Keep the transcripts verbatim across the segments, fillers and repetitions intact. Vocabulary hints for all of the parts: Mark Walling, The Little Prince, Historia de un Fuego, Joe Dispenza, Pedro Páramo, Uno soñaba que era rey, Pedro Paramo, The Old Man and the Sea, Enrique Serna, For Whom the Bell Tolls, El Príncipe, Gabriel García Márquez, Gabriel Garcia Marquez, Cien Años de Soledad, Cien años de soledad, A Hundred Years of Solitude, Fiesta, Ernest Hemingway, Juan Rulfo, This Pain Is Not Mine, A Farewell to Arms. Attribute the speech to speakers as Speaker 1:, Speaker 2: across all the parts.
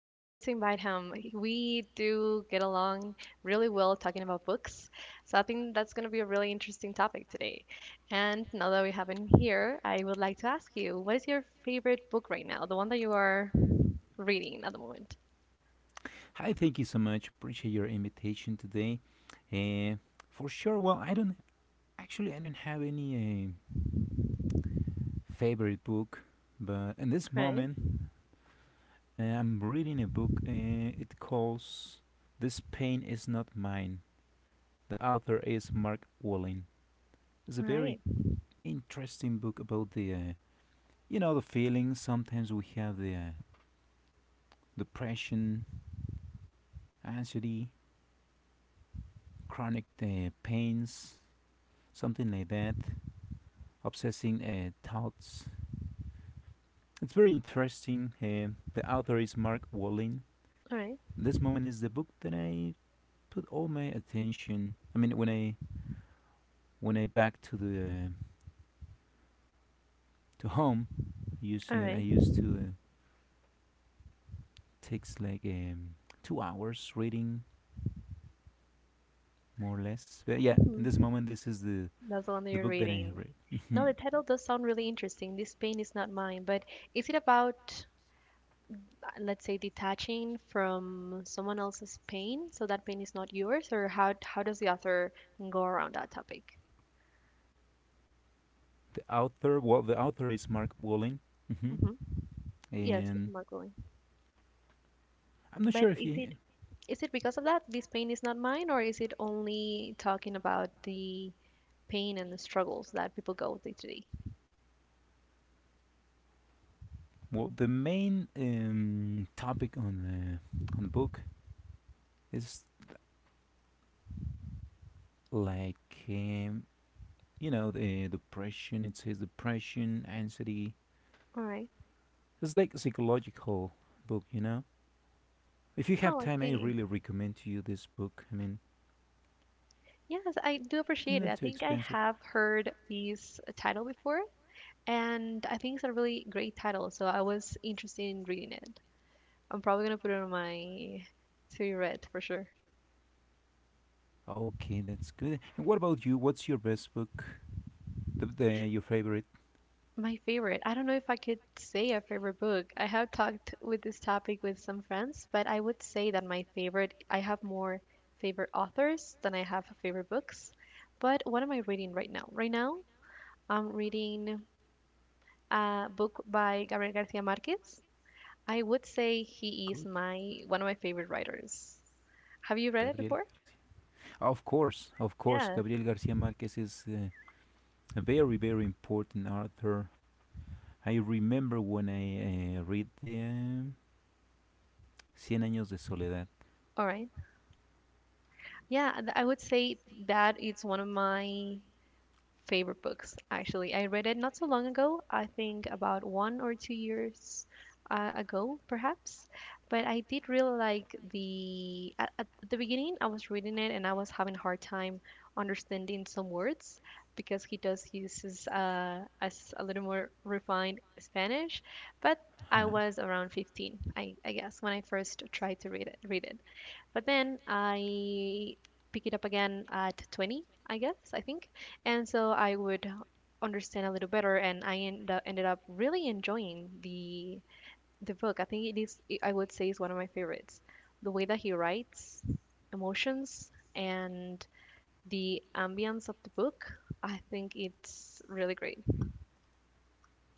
Speaker 1: I wanted to invite him. He- We do get along really well talking about books, so I think that's going to be a really interesting topic today. And now that we have him here, I would like to ask you, what is your favorite book right now? The one that you are reading at the moment.
Speaker 2: Hi, thank you so much. Appreciate your invitation today. Uh, for sure. Well, I don't actually. I don't have any uh, favorite book, but in this
Speaker 1: Right,
Speaker 2: moment, uh, I'm reading a book. Uh, it calls "This Pain Is Not Mine." The author is Mark Walling. It's a very
Speaker 1: right,
Speaker 2: interesting book about the, uh, you know, the feelings. Sometimes we have the uh, depression, anxiety, chronic uh, pains, something like that, obsessing uh, thoughts. It's very interesting. Um the author is Mark Walling.
Speaker 1: all right,
Speaker 2: This moment is the book that I put all my attention. I mean, when I when I back to the uh, to home, use
Speaker 1: all
Speaker 2: uh, I
Speaker 1: right.
Speaker 2: used to uh, takes like um, two hours reading, more or less. But yeah, in this
Speaker 1: Mhm.
Speaker 2: moment, this is the
Speaker 1: That's the one that
Speaker 2: the
Speaker 1: you're
Speaker 2: book that I have
Speaker 1: reading.
Speaker 2: read.
Speaker 1: No,
Speaker 2: Mhm.
Speaker 1: the title does sound really interesting. This pain is not mine, but is it about, let's say, detaching from someone else's pain so that pain is not yours? Or how how does the author go around that topic?
Speaker 2: The author, well, the author is Mark Walling, hmm,
Speaker 1: Hmm, yes,
Speaker 2: and
Speaker 1: Margolin.
Speaker 2: I'm not sure
Speaker 1: But
Speaker 2: if
Speaker 1: is it,
Speaker 2: he.
Speaker 1: is it because of that this pain is not mine, or is it only talking about the pain and the struggles that people go through today?
Speaker 2: Well, the main um, topic on the on the book is like, um, you know, the depression. It says depression, anxiety.
Speaker 1: All right.
Speaker 2: It's like a psychological book, you know? If you
Speaker 1: Oh,
Speaker 2: have
Speaker 1: I
Speaker 2: time, I
Speaker 1: see.
Speaker 2: really recommend to you this book. I mean,
Speaker 1: Yes, I do
Speaker 2: it's
Speaker 1: appreciate it.
Speaker 2: not
Speaker 1: I
Speaker 2: too
Speaker 1: think I
Speaker 2: expensive.
Speaker 1: have heard this title before, and I think it's a really great title, so I was interested in reading it. I'm probably gonna put it on my to read for sure.
Speaker 2: Okay, that's good. And what about you? What's your best book, the, the your favorite?
Speaker 1: My favorite. I don't know if I could say a favorite book. I have talked with this topic with some friends, but I would say that my favorite, I have more favorite authors than I have favorite books. But what am I reading right now? Right now, I'm reading a book by Gabriel Garcia Marquez. I would say he is
Speaker 2: Good.
Speaker 1: my one of my favorite writers. Have you read it
Speaker 2: Gabriel
Speaker 1: before?
Speaker 2: Garcia, of course, of course.
Speaker 1: Yeah.
Speaker 2: Gabriel Garcia Marquez is uh, a very, very important author. I remember when I uh, read the um, Cien Años de Soledad.
Speaker 1: All right. Yeah, th- I would say that it's one of my favorite books, actually. I read it not so long ago, I think about one or two years uh, ago, perhaps. But I did really like the. At, at the beginning, I was reading it and I was having a hard time understanding some words, because he does uses, uh, as, a little more refined Spanish. But I
Speaker 2: Uh-huh.
Speaker 1: was around fifteen, I, I guess, when I first tried to read it. Read it, but then I pick it up again at twenty, I guess, I think. And so I would understand a little better, and I end up, ended up really enjoying the the book. I think it is, I would say, is one of my favorites. The way that he writes emotions and the ambience of the book, I think it's really great.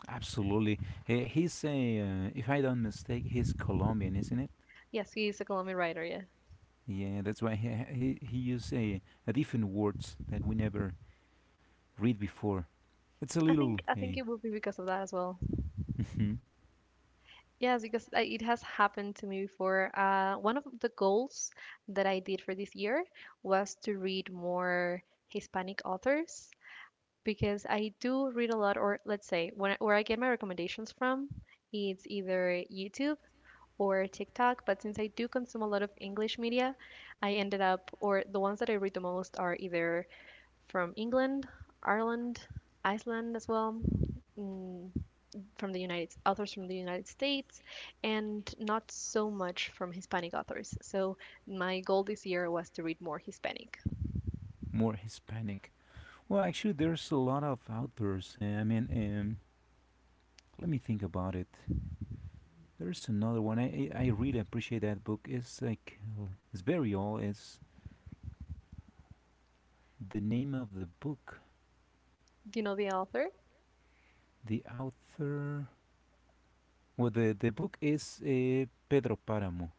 Speaker 2: Absolutely. He, he's a, uh, if I don't mistake, he's Colombian, isn't it?
Speaker 1: Yes, he is a Colombian writer. Yeah,
Speaker 2: Yeah, that's why he he, he used a, a different words that we never read before. It's a
Speaker 1: I
Speaker 2: little
Speaker 1: think I
Speaker 2: uh,
Speaker 1: think it would be because of that as well. Yes, because I, it has happened to me before. Uh, one of the goals that I did for this year was to read more Hispanic authors, because I do read a lot, or let's say, when where I get my recommendations from, it's either YouTube or TikTok. But since I do consume a lot of English media, I ended up, or the ones that I read the most are either from England, Ireland, Iceland as well, mm, from the United authors from the United States, and not so much from Hispanic authors. So my goal this year was to read more Hispanic.
Speaker 2: more Hispanic. Well, actually, there's a lot of authors. Uh, I mean, um, let me think about it. There's another one. I, I really appreciate that book. It's like it's very old. It's the name of the book.
Speaker 1: Do you know the author?
Speaker 2: The author. Well, the the book is uh, Pedro Páramo.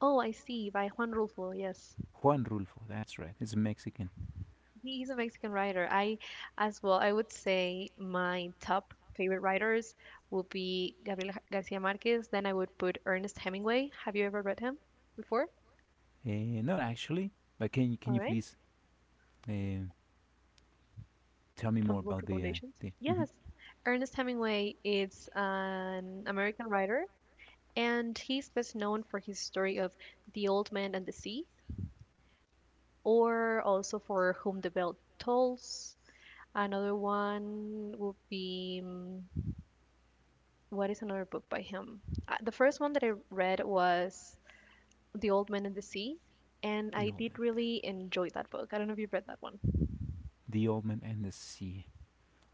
Speaker 1: Oh, I see, by Juan Rulfo. Yes.
Speaker 2: Juan Rulfo. That's right. It's Mexican.
Speaker 1: He's a Mexican writer. I, as well, I would say my top favorite writers would be Gabriel Ga- Garcia Marquez. Then I would put Ernest Hemingway. Have you ever read him before?
Speaker 2: Uh, Not actually, but can
Speaker 1: All
Speaker 2: can you
Speaker 1: right.
Speaker 2: please uh, tell me
Speaker 1: Some
Speaker 2: more
Speaker 1: book
Speaker 2: about the uh,
Speaker 1: recommendations.
Speaker 2: the mhm,
Speaker 1: Yes. Ernest Hemingway is an American writer, and he's best known for his story of The Old Man and the Sea, or also for Whom the Bell Tolls. Another one would be, mm, what is another book by him? Uh, the first one that I read was The Old Man and the Sea, and
Speaker 2: the
Speaker 1: I
Speaker 2: old
Speaker 1: did
Speaker 2: man,
Speaker 1: really enjoy that book. I don't know if you've read that one.
Speaker 2: the old man and the sea?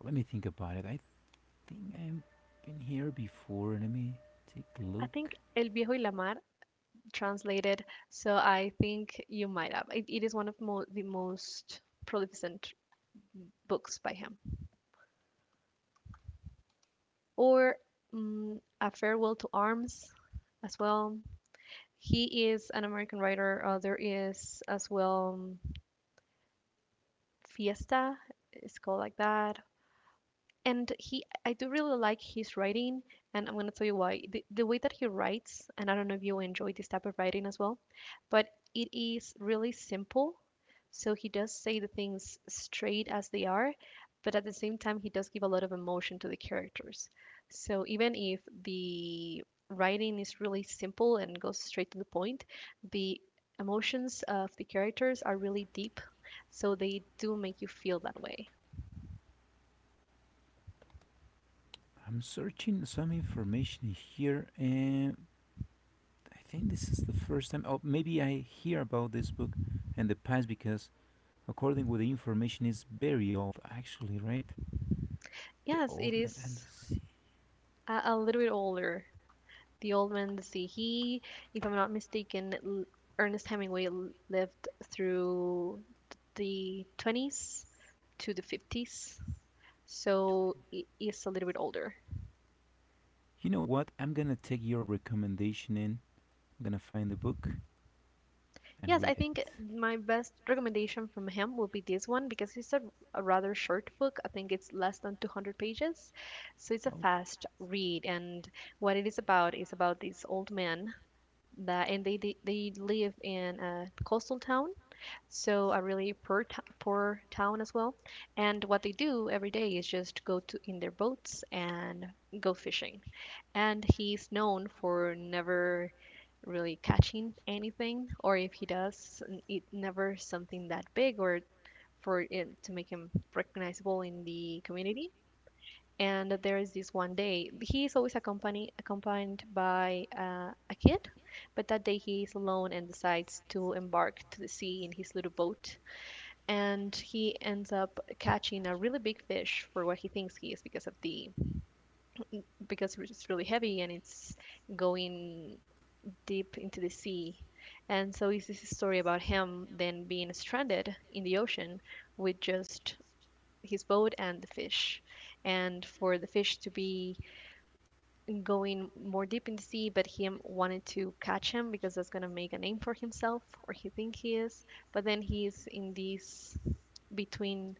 Speaker 2: Let me think about it. I think I've been here before. Let me take a
Speaker 1: I think
Speaker 2: look.
Speaker 1: El Viejo y la Mar translated, so I think you might have. It, it is one of mo- the most prolificent books by him. Or, mm, A Farewell to Arms as well. He is an American writer. Uh, there is as well, um, Fiesta, it's called like that. And he, I do really like his writing, and I'm going to tell you why. the, the way that he writes, and I don't know if you enjoy this type of writing as well, but it is really simple, so he does say the things straight as they are, but at the same time he does give a lot of emotion to the characters. So even if the writing is really simple and goes straight to the point, the emotions of the characters are really deep, so they do make you feel that way.
Speaker 2: I'm searching some information here, and I think this is the first time. Oh, maybe I hear about this book in the past because, according with the information, is very old, actually, right? The
Speaker 1: Yes,
Speaker 2: Old
Speaker 1: it
Speaker 2: Man and the
Speaker 1: is.
Speaker 2: Sea.
Speaker 1: Uh, a little bit older. The old man, let's see, he, if I'm not mistaken, Ernest Hemingway lived through the twenties to the fifties, so he's a little bit older.
Speaker 2: You know what? I'm gonna take your recommendation in. I'm gonna find the book and
Speaker 1: Yes, I
Speaker 2: read it.
Speaker 1: think my best recommendation from him will be this one, because it's a, a rather short book. I think it's less than two hundred pages. So it's a
Speaker 2: Okay.
Speaker 1: fast read. And what it is about is about this old man that, and they, they, they live in a coastal town, so a really poor t- poor town as well. And what they do every day is just go to in their boats and go fishing. And he's known for never really catching anything, or if he does, n- it never something that big, or for it to make him recognizable in the community. And there is this one day, he is always accompanied accompanied by uh, a kid, but that day he is alone and decides to embark to the sea in his little boat, and he ends up catching a really big fish, for what he thinks he is, because of the, because it's really heavy and it's going deep into the sea. And so it's this story about him then being stranded in the ocean with just his boat and the fish, and for the fish to be going more deep in the sea, but him wanted to catch him because that's going to make a name for himself, or he think he is. But then he's in this between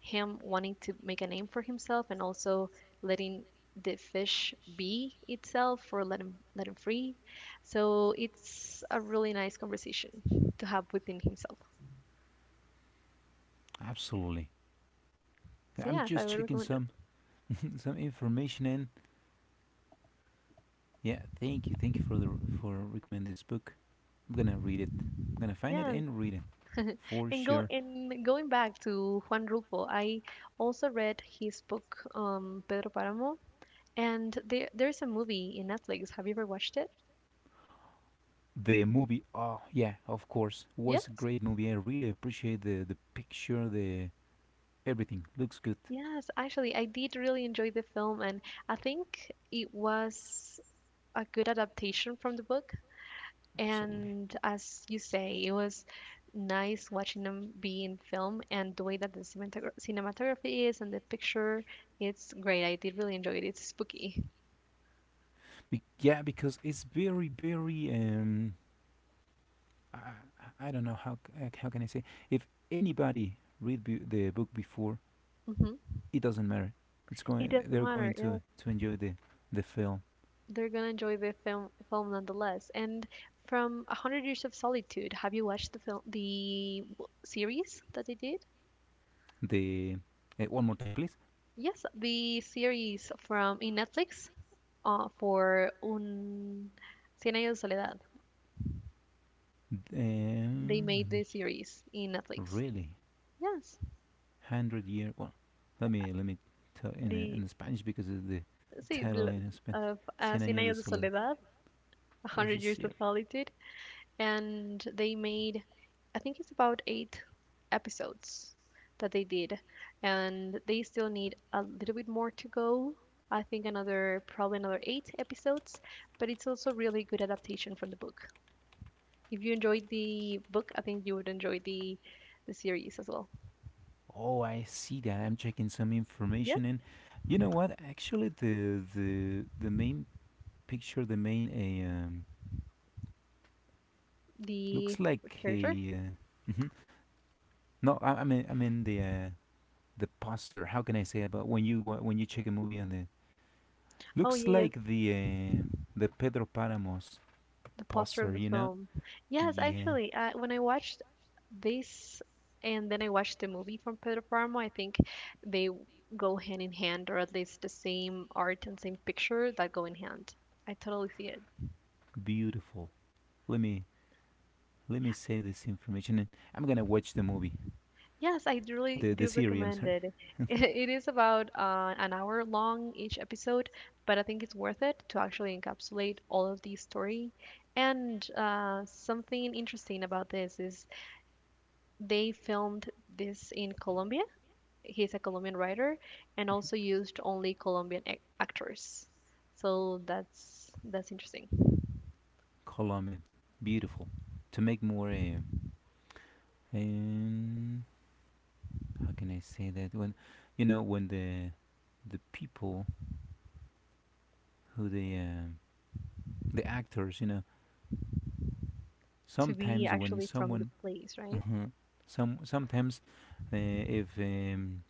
Speaker 1: him wanting to make a name for himself, and also letting the fish be itself, or let him let him free. So it's a really nice conversation to have within himself.
Speaker 2: Absolutely.
Speaker 1: So
Speaker 2: I'm
Speaker 1: yeah, I
Speaker 2: just
Speaker 1: would
Speaker 2: checking
Speaker 1: recommend it.
Speaker 2: some some information in. Yeah, thank you, thank you for the for recommend this book. I'm gonna read it. I'm gonna find it
Speaker 1: Yeah,
Speaker 2: and read it for
Speaker 1: and go
Speaker 2: sure.
Speaker 1: and going back to Juan Rulfo, I also read his book, um, Pedro Paramo, and there there's a movie in Netflix. Have you ever watched it?
Speaker 2: The movie, oh yeah, of course, was a
Speaker 1: Yes.
Speaker 2: great movie. I really appreciate the the picture, the everything looks good,
Speaker 1: Yes, actually, I did really enjoy the film, and I think it was a good adaptation from the book.
Speaker 2: absolutely.
Speaker 1: And as you say, it was nice watching them be in film, and the way that the cinematogra- cinematography is, and the picture, it's great. I did really enjoy it. It's spooky.
Speaker 2: Be- yeah, because it's very, very um, I, I I don't know how c- uh, how can I say, if anybody read b- the book before,
Speaker 1: Hmm.
Speaker 2: it doesn't matter. It's
Speaker 1: It
Speaker 2: going.
Speaker 1: doesn't
Speaker 2: They're
Speaker 1: matter.
Speaker 2: going
Speaker 1: Yeah,
Speaker 2: to to enjoy the the film.
Speaker 1: they're gonna enjoy the film film nonetheless. And from A Hundred Years of Solitude, have you watched the film, the w- series that they did?
Speaker 2: The uh, One more time, please.
Speaker 1: Yes, the series from in Netflix, uh, for Un Cien años de soledad.
Speaker 2: Uh,
Speaker 1: They made
Speaker 2: let
Speaker 1: the
Speaker 2: me. Ch-
Speaker 1: series in Netflix.
Speaker 2: Really,
Speaker 1: Yes,
Speaker 2: hundred year. Well, let me let me tell in uh,
Speaker 1: the
Speaker 2: in Spanish because of the
Speaker 1: see
Speaker 2: title
Speaker 1: the-
Speaker 2: in Spanish.
Speaker 1: of uh,
Speaker 2: Cien
Speaker 1: Cien
Speaker 2: años de
Speaker 1: años de
Speaker 2: soledad.
Speaker 1: soledad, a
Speaker 2: There's a
Speaker 1: hundred years of
Speaker 2: series.
Speaker 1: solitude, and they made, I think it's about eight episodes that they did, and they still need a little bit more to go. I think another, probably another eight episodes, but it's also really good adaptation from the book. If you enjoyed the book, I think you would enjoy the the series as well.
Speaker 2: Oh, I see that. I'm checking some
Speaker 1: Yeah,
Speaker 2: information, and you know what? Actually, the the the main picture, the main a uh, um,
Speaker 1: the
Speaker 2: looks like
Speaker 1: character.
Speaker 2: a. Uh, mhm. No, I, I mean, I mean the uh, the poster. How can I say about when you wa- when you check a movie on the
Speaker 1: Oh
Speaker 2: looks
Speaker 1: yeah, yeah.
Speaker 2: like the uh, the Pedro Paramos
Speaker 1: The poster of
Speaker 2: poster,
Speaker 1: the
Speaker 2: you know?
Speaker 1: film. Yes,
Speaker 2: Yeah,
Speaker 1: actually, uh, when I watched this and then I watched the movie from Pedro Paramo, I think they w- go hand in hand, or at least the same art and same picture that go in hand. I totally see it.
Speaker 2: beautiful. Let me let me save this information, and I'm gonna watch the movie,
Speaker 1: Yes, I do really
Speaker 2: the the
Speaker 1: do
Speaker 2: series. I'm
Speaker 1: recommend
Speaker 2: sorry,
Speaker 1: it. It is about uh, an hour long each episode, but I think it's worth it to actually encapsulate all of the story. And, uh, something interesting about this is they filmed this in Colombia, he's a Colombian writer, and also used only Colombian ac- actors. So that's that's interesting
Speaker 2: Colombian, beautiful. To make more, uh, um, how can I say that when you know when the the people who they um, the actors, you know,
Speaker 1: to be
Speaker 2: sometimes when
Speaker 1: actually from the
Speaker 2: someone
Speaker 1: place, right?
Speaker 2: some sometimes uh, if um,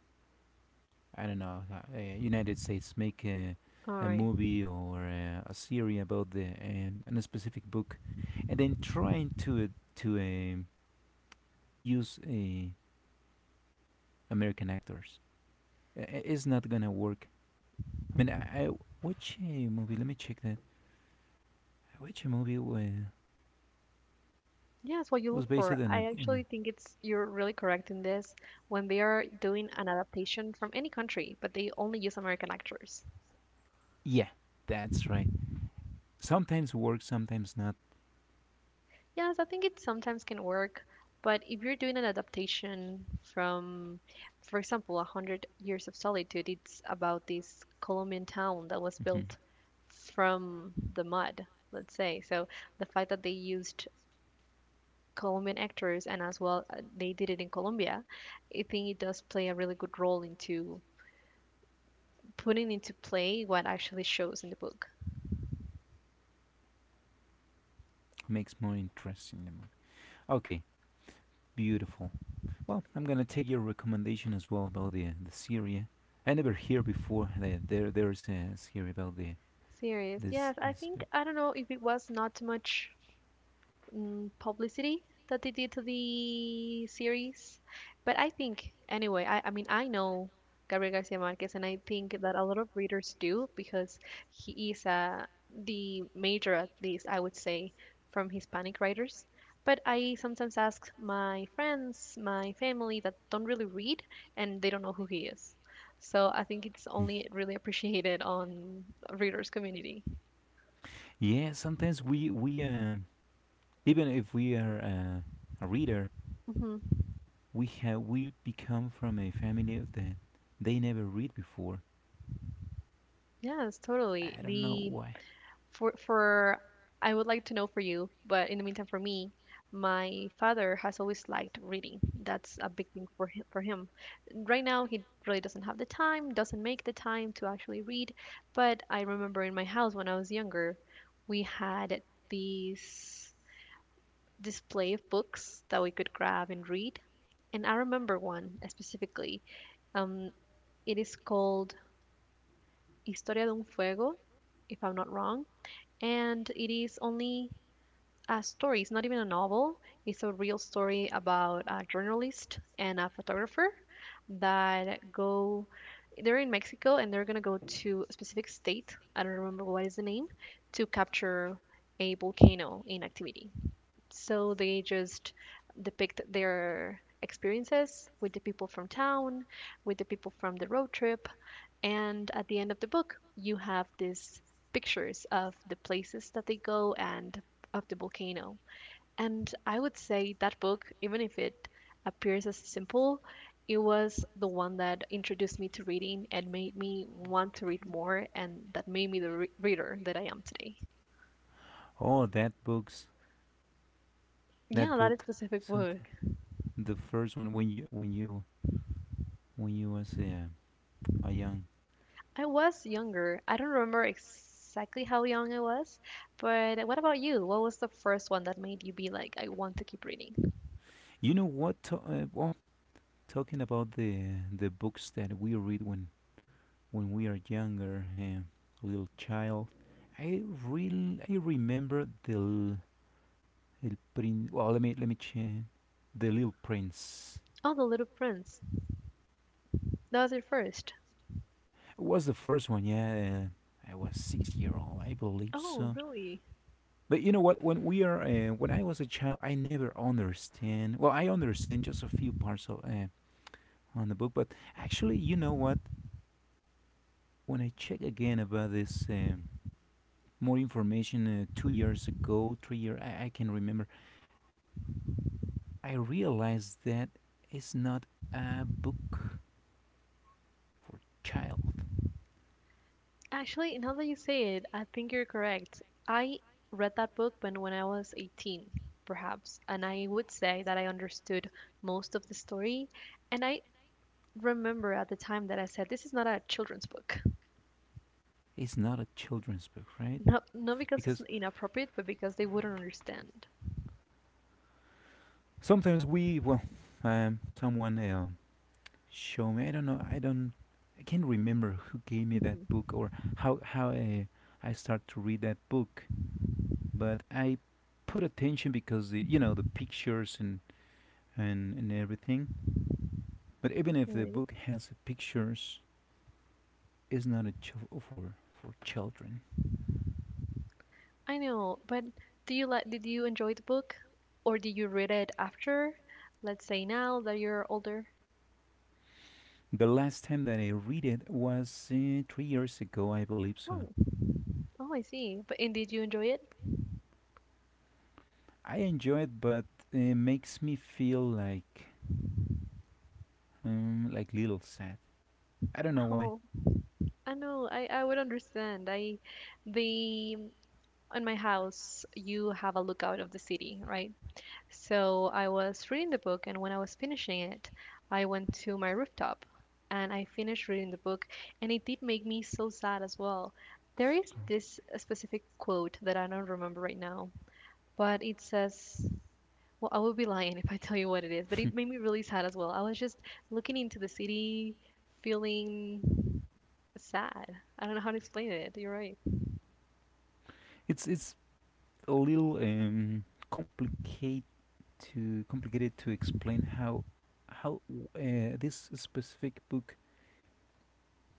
Speaker 2: I don't know, uh, uh, United States make a,
Speaker 1: All
Speaker 2: a
Speaker 1: right.
Speaker 2: movie or uh, a series about the um, and a specific book, and then trying to uh, to um use, uh, American actors, uh, it's not gonna work. I mean, i, I which uh, movie, let me check that. I watch a movie wa-
Speaker 1: Yes, what you
Speaker 2: was
Speaker 1: look
Speaker 2: based
Speaker 1: for.
Speaker 2: on
Speaker 1: I
Speaker 2: a, on a,
Speaker 1: actually think it's you're really correct in this, when they are doing an adaptation from any country, but they only use American actors.
Speaker 2: yeah, that's right. Sometimes work, sometimes not.
Speaker 1: Yes, I think it sometimes can work, but if you're doing an adaptation from, for example, A Hundred Years of Solitude, it's about this Colombian town that was
Speaker 2: Mhm.
Speaker 1: built from the mud, let's say. So the fact that they used Colombian actors and as well uh, they did it in Colombia, I think it does play a really good role into putting into play what actually shows in the book.
Speaker 2: Makes more interesting the movie. Okay, beautiful. Well, I'm gonna take your recommendation as well about the the Syria. I never hear before that there there's a series about the
Speaker 1: Serious.
Speaker 2: this
Speaker 1: Yes, I
Speaker 2: this.
Speaker 1: think
Speaker 2: Book.
Speaker 1: I don't know if it was not too much mm, publicity that they did to the series. But I think, anyway, I, I mean, I know Gabriel Garcia Marquez, and I think that a lot of readers do because he is uh, the major, at least, I would say, from Hispanic writers. But I sometimes ask my friends, my family that don't really read, and they don't know who he is. So I think it's only really appreciated on readers community.
Speaker 2: Yeah, sometimes we we um even if we are uh, a reader,
Speaker 1: Hmm
Speaker 2: we have we become from a family that they never read before.
Speaker 1: Yes, totally.
Speaker 2: I don't know
Speaker 1: The
Speaker 2: why.
Speaker 1: for for I would like to know for you, but in the meantime, for me, my father has always liked reading. That's a big thing for him. For him, right now he really doesn't have the time, doesn't make the time to actually read. But I remember in my house when I was younger, we had this display of books that we could grab and read. And I remember one specifically. Um, it is called Historia de un Fuego, if I'm not wrong, and it is only a story. It's not even a novel. It's a real story about a journalist and a photographer that go. They're in Mexico and they're gonna go to a specific state. I don't remember what is the name to capture a volcano in activity. So they just depict their experiences with the people from town, with the people from the road trip, and at the end of the book, you have these pictures of the places that they go and of the volcano. And I would say that book, even if it appears as simple, it was the one that introduced me to reading and made me want to read
Speaker 2: Okay.
Speaker 1: more, and that made me the re- reader that I am today.
Speaker 2: Oh, that books, that
Speaker 1: Yeah, that
Speaker 2: book.
Speaker 1: specific
Speaker 2: Something.
Speaker 1: book.
Speaker 2: The first one when you when you when you was uh, a young.
Speaker 1: I was younger. I don't remember exactly how young I was, but what about you? What was the first one that made you be like, I want to keep reading?
Speaker 2: You know what? To, uh, well, talking about the the books that we read when when we are younger, uh, little child. I really I remember the l- El Prin. Well, let me let me change. The Little Prince.
Speaker 1: Oh, The Little Prince. That was your first.
Speaker 2: It was the first one, yeah. Uh, I was six year old, I believe
Speaker 1: Oh,
Speaker 2: so.
Speaker 1: really?
Speaker 2: But you know what? When we are, uh, when I was a child, I never understand. Well, I understand just a few parts of, uh, on the book, but actually, you know what? When I check again about this, um, more information uh, two years ago, three years, I, I can remember. I realized that it's not a book for child.
Speaker 1: Actually, now that you say it, I think you're correct. I read that book when, when I was eighteen, perhaps, and I would say that I understood most of the story. And I remember at the time that I said, this is not a children's book.
Speaker 2: It's not a children's book, right?
Speaker 1: Not, not because it's
Speaker 2: Because
Speaker 1: inappropriate, but because they wouldn't understand.
Speaker 2: sometimes we, well, um, someone uh, show me. I don't know. I don't. I can't remember who gave me that
Speaker 1: Mhm.
Speaker 2: book or how how I, I start to read that book. But I put attention because the you know the pictures and and, and everything. But even if the
Speaker 1: Alrighty.
Speaker 2: book has pictures, it's not a ch- for for children.
Speaker 1: I know, but do you like, did you enjoy the book? Or did you read it after? Let's say now that you're older.
Speaker 2: The last time that I read it was uh, three years ago, I believe so.
Speaker 1: Oh, oh, I see. But and did you enjoy it?
Speaker 2: I enjoy it, but it makes me feel like um, like little sad. I don't know why.
Speaker 1: Oh, I know, I, I would understand. I the On my house you have a lookout of the city, right? So I was reading the book and when I was finishing it, I went to my rooftop and I finished reading the book and it did make me so sad as well. There is this uh, specific quote that I don't remember right now, but it says, well, I would be lying if I tell you what it is, but it made me really sad as well. I was just looking into the city, feeling sad. I don't know how to explain it. You're right.
Speaker 2: It's it's a little um, complicate to complicated to explain how how uh, this specific book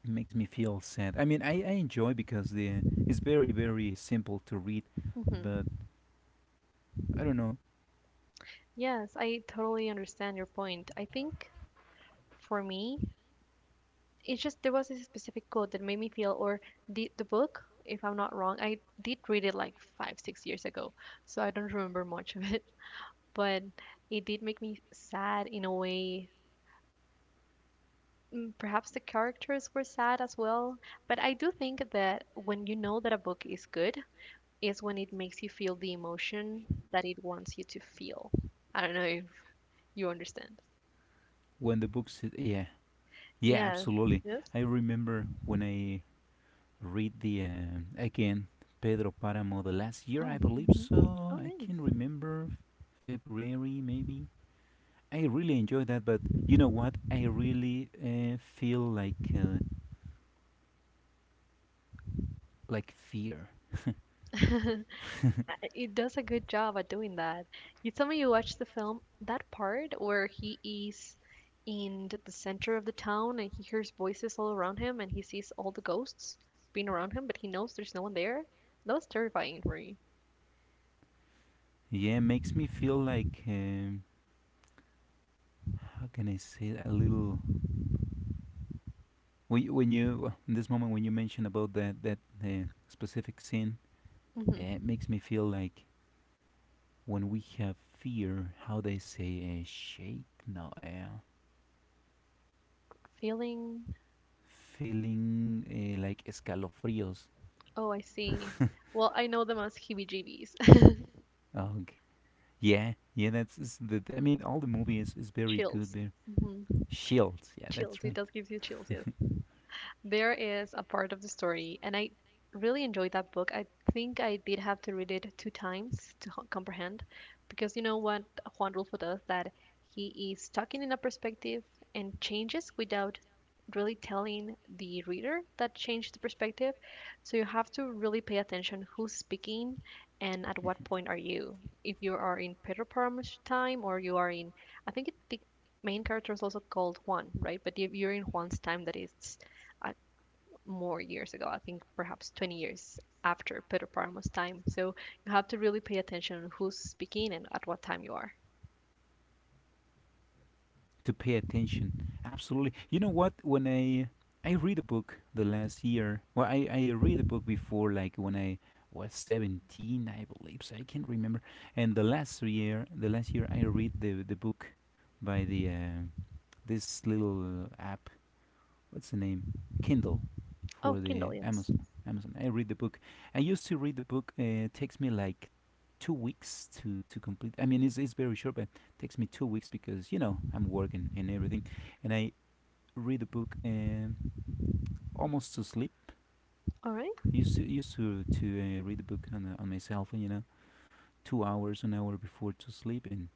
Speaker 2: makes me feel sad. I mean, I, I enjoy because the it's very, very simple to read,
Speaker 1: hmm
Speaker 2: but I don't know
Speaker 1: Yes, I totally understand your point. I think for me, it's just there was a specific quote that made me feel, or the the book, if I'm not wrong, I did read it like five, six years ago, so I don't remember much of it, but it did make me sad in a way. Mm, perhaps the characters were sad as well, but I do think that when you know that a book is good, is when it makes you feel the emotion that it wants you to feel. I don't know if you understand?
Speaker 2: when the books, yeah, yeah,
Speaker 1: Yeah.
Speaker 2: absolutely.
Speaker 1: Yes.
Speaker 2: I remember when I read the um, again Pedro Paramo the last year, I
Speaker 1: Oh.
Speaker 2: believe
Speaker 1: Mhm.
Speaker 2: so.
Speaker 1: Oh,
Speaker 2: I can
Speaker 1: nice.
Speaker 2: remember February maybe. I really enjoyed that, but you know what? I really uh, feel like uh, like fear.
Speaker 1: It does a good job at doing that. You tell me you watched the film, that part where he is in th- the center of the town and he hears voices all around him and he sees all the ghosts being around him, but he knows there's no one there. That was terrifying for me.
Speaker 2: Yeah, makes me feel like, um, how can I say it? A little when you, when you in this moment when you mention about that that uh, specific scene, uh,
Speaker 1: Hmm
Speaker 2: it makes me feel like when we have fear, how they say uh, shake. No, uh,
Speaker 1: Feeling.
Speaker 2: feeling uh, like escalofríos.
Speaker 1: Oh, I see. Well, I know them as heebie-jeebies.
Speaker 2: Oh, okay. Yeah, yeah, that's is the. I mean, all the movie is, is very good
Speaker 1: Chills.
Speaker 2: there.
Speaker 1: Hmm
Speaker 2: Shields, yeah,
Speaker 1: Chills.
Speaker 2: that's
Speaker 1: It
Speaker 2: right.
Speaker 1: does give you chills, yes. There is a part of the story, and I really enjoyed that book. I think I did have to read it two times to h- comprehend, because you know what Juan Rulfo does, that he is talking in a perspective and changes without really telling the reader that changed the perspective. So you have to really pay attention who's speaking and at what
Speaker 2: Mhm.
Speaker 1: point are you. If you are in Pedro Parm's time or you are in, I think it, the main character is also called Juan, right? But if you're in Juan's time, that is more years ago. I think perhaps twenty years after Pedro Parmo's time. So you have to really pay attention who's speaking and at what time you are.
Speaker 2: To pay attention, absolutely. You know what? When I I read a book the last year, well, I I read a book before, like when I was seventeen, I believe. So I can't remember. And the last year, the last year, I read the the book by the uh, this little uh, app, what's the name, Kindle,
Speaker 1: Oh,
Speaker 2: for
Speaker 1: Kindle,
Speaker 2: the
Speaker 1: yes.
Speaker 2: Amazon. Amazon. I read the book. I used to read the book. Uh, it takes me like two weeks to to complete. I mean, it's it's very short, but it takes me two weeks because you know I'm working and everything, and I read the book um, almost to sleep.
Speaker 1: All right.
Speaker 2: I used to used to to uh, read the book on uh, on my cell phone, you know, two hours, an hour before to sleep, and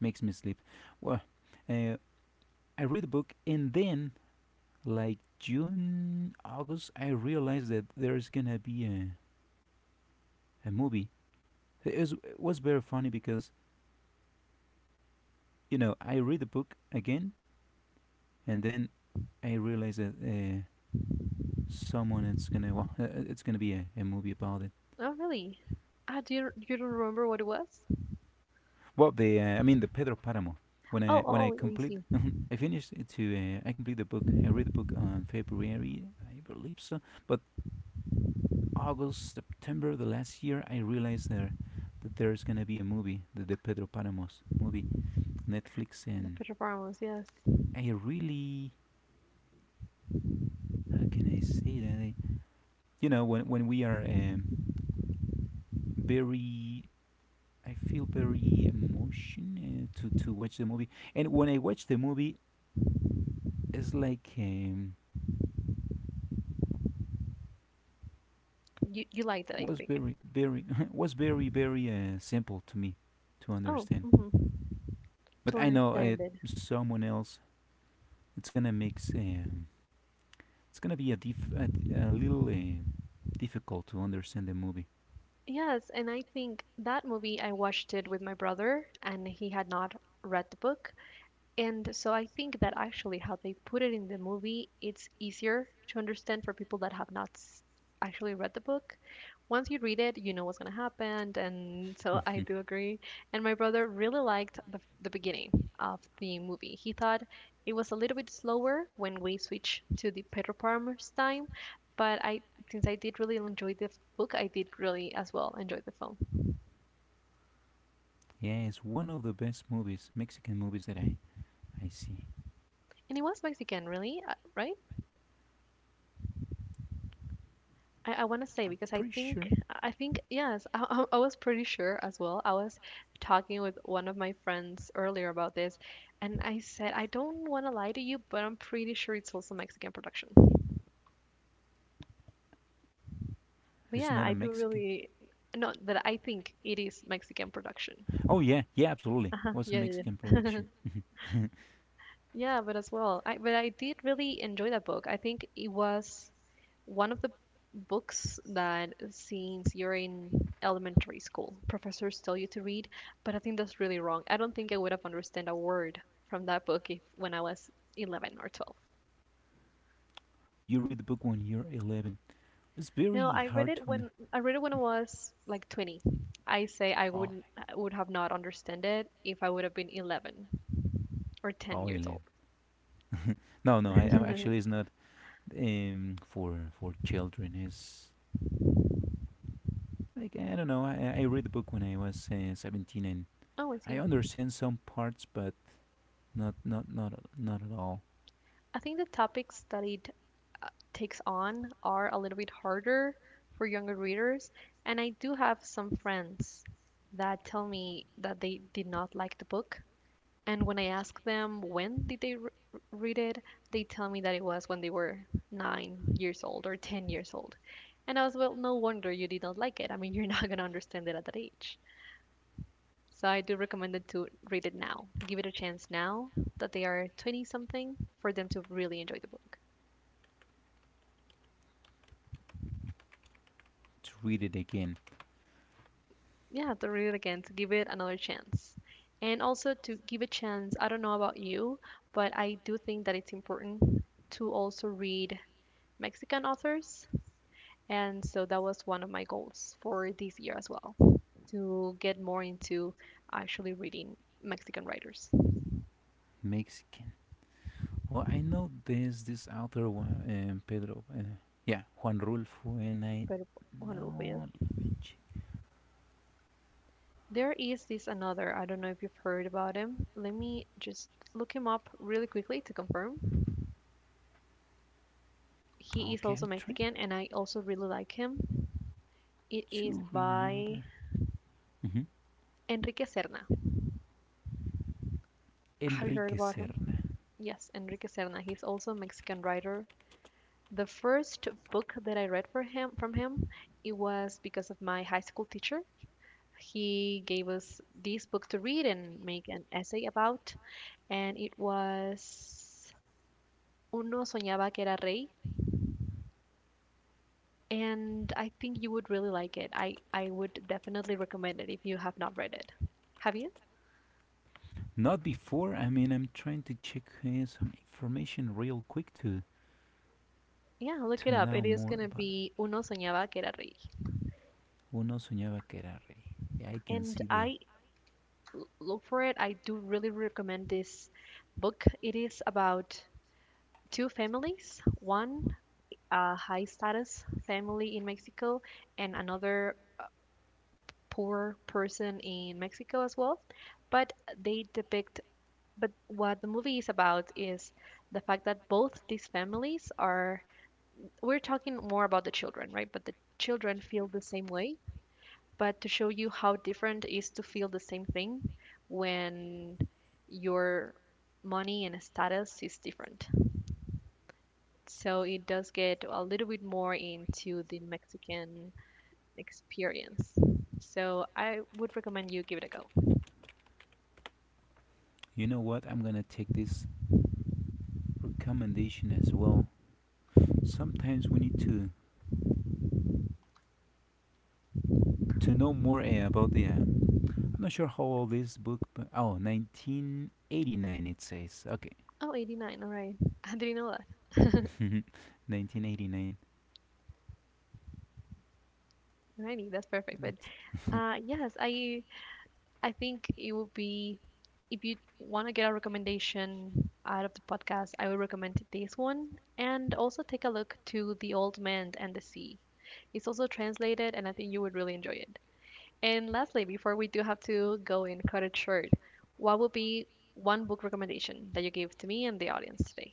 Speaker 2: makes me sleep. Well, uh, I read the book and then like June, August, I realized that there's gonna be a, a movie. It was, it was very funny because, you know, I read the book again and then I realized that uh, someone it's gonna well, uh, uh, it's gonna be a, a movie about it.
Speaker 1: Oh, really? Ah, do you you don't remember what it was?
Speaker 2: Well, the uh, I mean the Pedro Paramo. When I
Speaker 1: Oh,
Speaker 2: when I
Speaker 1: oh, I
Speaker 2: complete,
Speaker 1: see.
Speaker 2: I finished it to uh, I complete the book. I read the book on February, I believe so. But August, September the last year, I realized there that there's gonna be a movie, the, the Pedro Paramos movie. Netflix,
Speaker 1: The
Speaker 2: and
Speaker 1: Pedro Parmos, yes.
Speaker 2: I really, how can I say that? I, you know, when when we are um, very, I feel very emotional to to watch the movie, and when I watch the movie, it's like um,
Speaker 1: You you liked it, I
Speaker 2: was
Speaker 1: think.
Speaker 2: very, very was very, very uh, simple to me to
Speaker 1: Oh.
Speaker 2: understand.
Speaker 1: hmm to
Speaker 2: But I know uh,
Speaker 1: understand it.
Speaker 2: someone else, it's gonna make s- um, it's gonna be a, dif- a, d- a little uh, difficult to understand the movie.
Speaker 1: Yes, and I think that movie I watched it with my brother, and he had not read the book. And so I think that actually how they put it in the movie, it's easier to understand for people that have not s- actually read the book. Once you read it, you know what's going to happen, and so I do agree. And my brother really liked the f- the beginning of the movie. He thought it was a little bit slower when we switch to the Pedro Palmer's time, but I, since I did really enjoy the f- book, I did really as well enjoy the film.
Speaker 2: Yeah, it's one of the best movies, Mexican movies that I, I see.
Speaker 1: And it was Mexican, really, uh, right? I, I want to say
Speaker 2: I'm
Speaker 1: because I
Speaker 2: pretty
Speaker 1: think
Speaker 2: sure
Speaker 1: I think yes, I, I I was pretty sure as well. I was talking with one of my friends earlier about this, and I said I don't want to lie to you, but I'm pretty sure it's also Mexican production. But
Speaker 2: it's
Speaker 1: yeah,
Speaker 2: not a
Speaker 1: I do
Speaker 2: Mexican.
Speaker 1: really, no, that I think it is Mexican production.
Speaker 2: Oh yeah, yeah, absolutely.
Speaker 1: Uh-huh.
Speaker 2: Was a
Speaker 1: Yeah, yeah,
Speaker 2: Mexican
Speaker 1: yeah.
Speaker 2: production. Mhm.
Speaker 1: Yeah, but as well, I but I did really enjoy that book. I think it was one of the books that since you're in elementary school professors tell you to read, but I think that's really wrong. I don't think I would have understood a word from that book if when I was eleven or twelve.
Speaker 2: You read the book when you're eleven. It's
Speaker 1: No,
Speaker 2: very
Speaker 1: I read
Speaker 2: hard
Speaker 1: it,
Speaker 2: to under.
Speaker 1: when i read it when I was like twenty. I say I
Speaker 2: Oh,
Speaker 1: wouldn't, I would have not understood it if I would have been eleven or ten
Speaker 2: oh,
Speaker 1: years
Speaker 2: eleven.
Speaker 1: old.
Speaker 2: No, no, I, I'm actually it's not um for for children. It's like I don't know. I, I read the book when I was uh, seventeen, and
Speaker 1: Oh, I
Speaker 2: I
Speaker 1: see.
Speaker 2: understand some parts, but not not not not at all.
Speaker 1: I think the topic studied takes on are a little bit harder for younger readers. And I do have some friends that tell me that they did not like the book. And when I ask them when did they re- read it, they tell me that it was when they were nine years old or ten years old. And I was, well, no wonder you did not like it. I mean, you're not going to understand it at that age. So I do recommend it to read it now. Give it a chance now that they are twenty something for them to really enjoy the book.
Speaker 2: To read it again,
Speaker 1: Yeah, to read it again, to give it another chance and also to give a chance. I don't know about you, but I do think that it's important to also read Mexican authors, and so that was one of my goals for this year as well, to get more into actually reading Mexican writers.
Speaker 2: Mexican. Well, I know this this author Juan- um, Pedro. Uh, yeah, Juan Rulfo, and I
Speaker 1: But bueno, pues,
Speaker 2: now.
Speaker 1: there is this another, I don't know if you've heard about him, let me just look him up really quickly to confirm. He is
Speaker 2: Okay,
Speaker 1: also
Speaker 2: I'm trying
Speaker 1: Mexican and I also really like him. It is
Speaker 2: to
Speaker 1: by
Speaker 2: remember. Mhm.
Speaker 1: Enrique Serna. Have you heard
Speaker 2: Enrique
Speaker 1: about him?
Speaker 2: Serna.
Speaker 1: Yes, Enrique Serna. He's also a Mexican writer. The first book that I read for him, from him, it was because of my high school teacher. He gave us this book to read and make an essay about, and it was Uno soñaba que era rey, and I think you would really like it. I I would definitely recommend it if you have not read it. Have you?
Speaker 2: Not before. I mean, I'm trying to check uh, some information real quick to
Speaker 1: Yeah, look
Speaker 2: to
Speaker 1: it up.
Speaker 2: know
Speaker 1: It is
Speaker 2: more
Speaker 1: gonna
Speaker 2: about it.
Speaker 1: be Uno soñaba que era rey.
Speaker 2: Uno soñaba que era rey. Yeah, I can
Speaker 1: And
Speaker 2: see the.
Speaker 1: I l- look for it. I do really recommend this book. It is about two families, one a high status family in Mexico and another poor person in Mexico as well. But they depict, but what the movie is about is the fact that both these families are, we're talking more about the children, right? But the children feel the same way, but to show you how different it is to feel the same thing when your money and status is different. So it does get a little bit more into the Mexican experience. So I would recommend you give it a go.
Speaker 2: You know what? I'm gonna take this recommendation as well. Sometimes we need to to know more uh, about the. Uh, I'm not sure how old this book, but oh, nineteen eighty-nine it says. Okay,
Speaker 1: Oh, eighty, all right. I didn't know that.
Speaker 2: nineteen eighty-nine.
Speaker 1: Alrighty, that's perfect. But uh, yes, I I think it would be, if you want to get a recommendation out of the podcast, I would recommend this one. And also take a look to The Old Man and the Sea. It's also translated, and I think you would really enjoy it. And lastly, before we do have to go and cut it short, what would be one book recommendation that you gave to me and the audience today?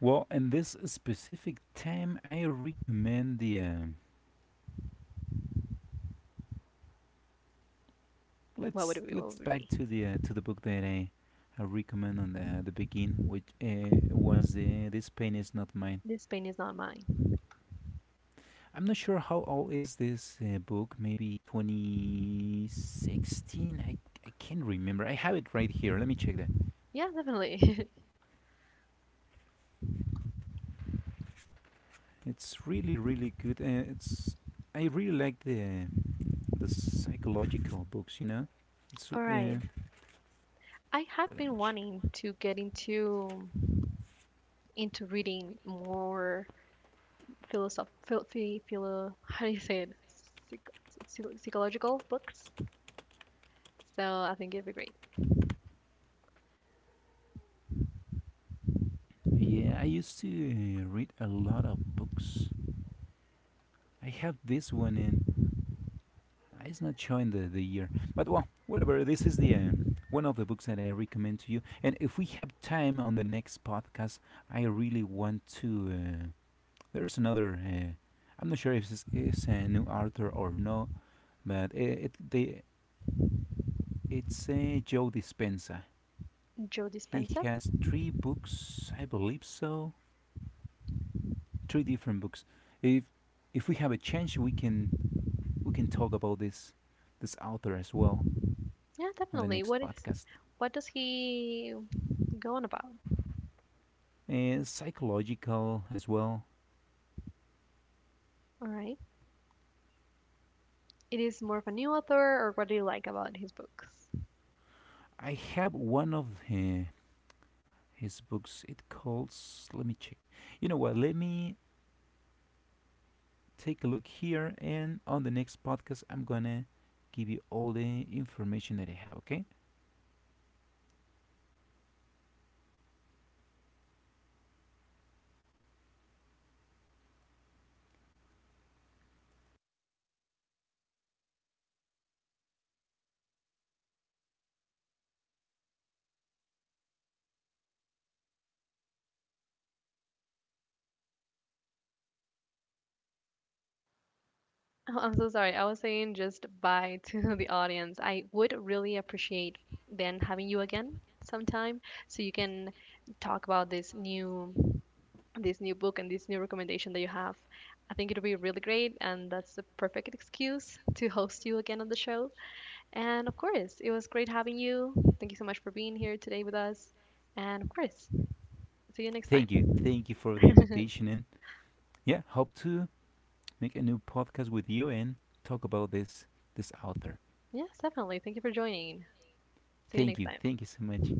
Speaker 2: Well, in this specific time, I recommend the. Uh,
Speaker 1: What would
Speaker 2: let's
Speaker 1: it be? What
Speaker 2: let's
Speaker 1: would it
Speaker 2: back
Speaker 1: be?
Speaker 2: to the uh, to the book that I, I recommend on the uh, the begin, which uh, was uh, this pain is not mine.
Speaker 1: This pain is not mine.
Speaker 2: I'm not sure how old is this uh, book. Maybe twenty sixteen. I I can't remember. I have it right here. Let me check that.
Speaker 1: Yeah, definitely.
Speaker 2: It's really, really good. Uh, it's I really like the the psychological books. You know, it's uh,
Speaker 1: All right.
Speaker 2: let
Speaker 1: I have
Speaker 2: me
Speaker 1: been
Speaker 2: check.
Speaker 1: wanting to get into into reading more philosoph filthy philo how do you say it? Psych- Psychological books. So I think it'd be great.
Speaker 2: Yeah, I used to uh, read a lot of books. I have this one, and it's not showing the, the year, but well, whatever. This is the um, one of the books that I recommend to you. And if we have time on the next podcast, I really want to. Uh, there's another. Uh, I'm not sure if this is a new author or no, but it, it they it's uh, Joe Dispenza.
Speaker 1: Joe
Speaker 2: He
Speaker 1: Dispenza.
Speaker 2: has three books, I believe so. Three different books. If if we have a chance, we can we can talk about this this author as well
Speaker 1: Yeah,
Speaker 2: on the
Speaker 1: definitely.
Speaker 2: next
Speaker 1: What is,
Speaker 2: podcast.
Speaker 1: what does he go on about?
Speaker 2: Uh, psychological as well.
Speaker 1: All right. It is more of a new author, or what do you like about his books?
Speaker 2: I have one of uh, his books. It calls. Let me check. You know what? Let me take a look here, and on the next podcast, I'm gonna give you all the information that I have. Okay.
Speaker 1: Oh, I'm so sorry. I was saying just bye to the audience. I would really appreciate then having you again sometime so you can talk about this new, this new book and this new recommendation that you have. I think it'll be really great, and that's the perfect excuse to host you again on the show. And of course, it was great having you. Thank you so much for being here today with us. And of course, see you next time.
Speaker 2: Thank you. Thank you for the invitation, and yeah, hope to make a new podcast with you and talk about this this author.
Speaker 1: Yes, definitely. Thank you for joining. See you
Speaker 2: Thank
Speaker 1: next
Speaker 2: you.
Speaker 1: time.
Speaker 2: Thank you so much.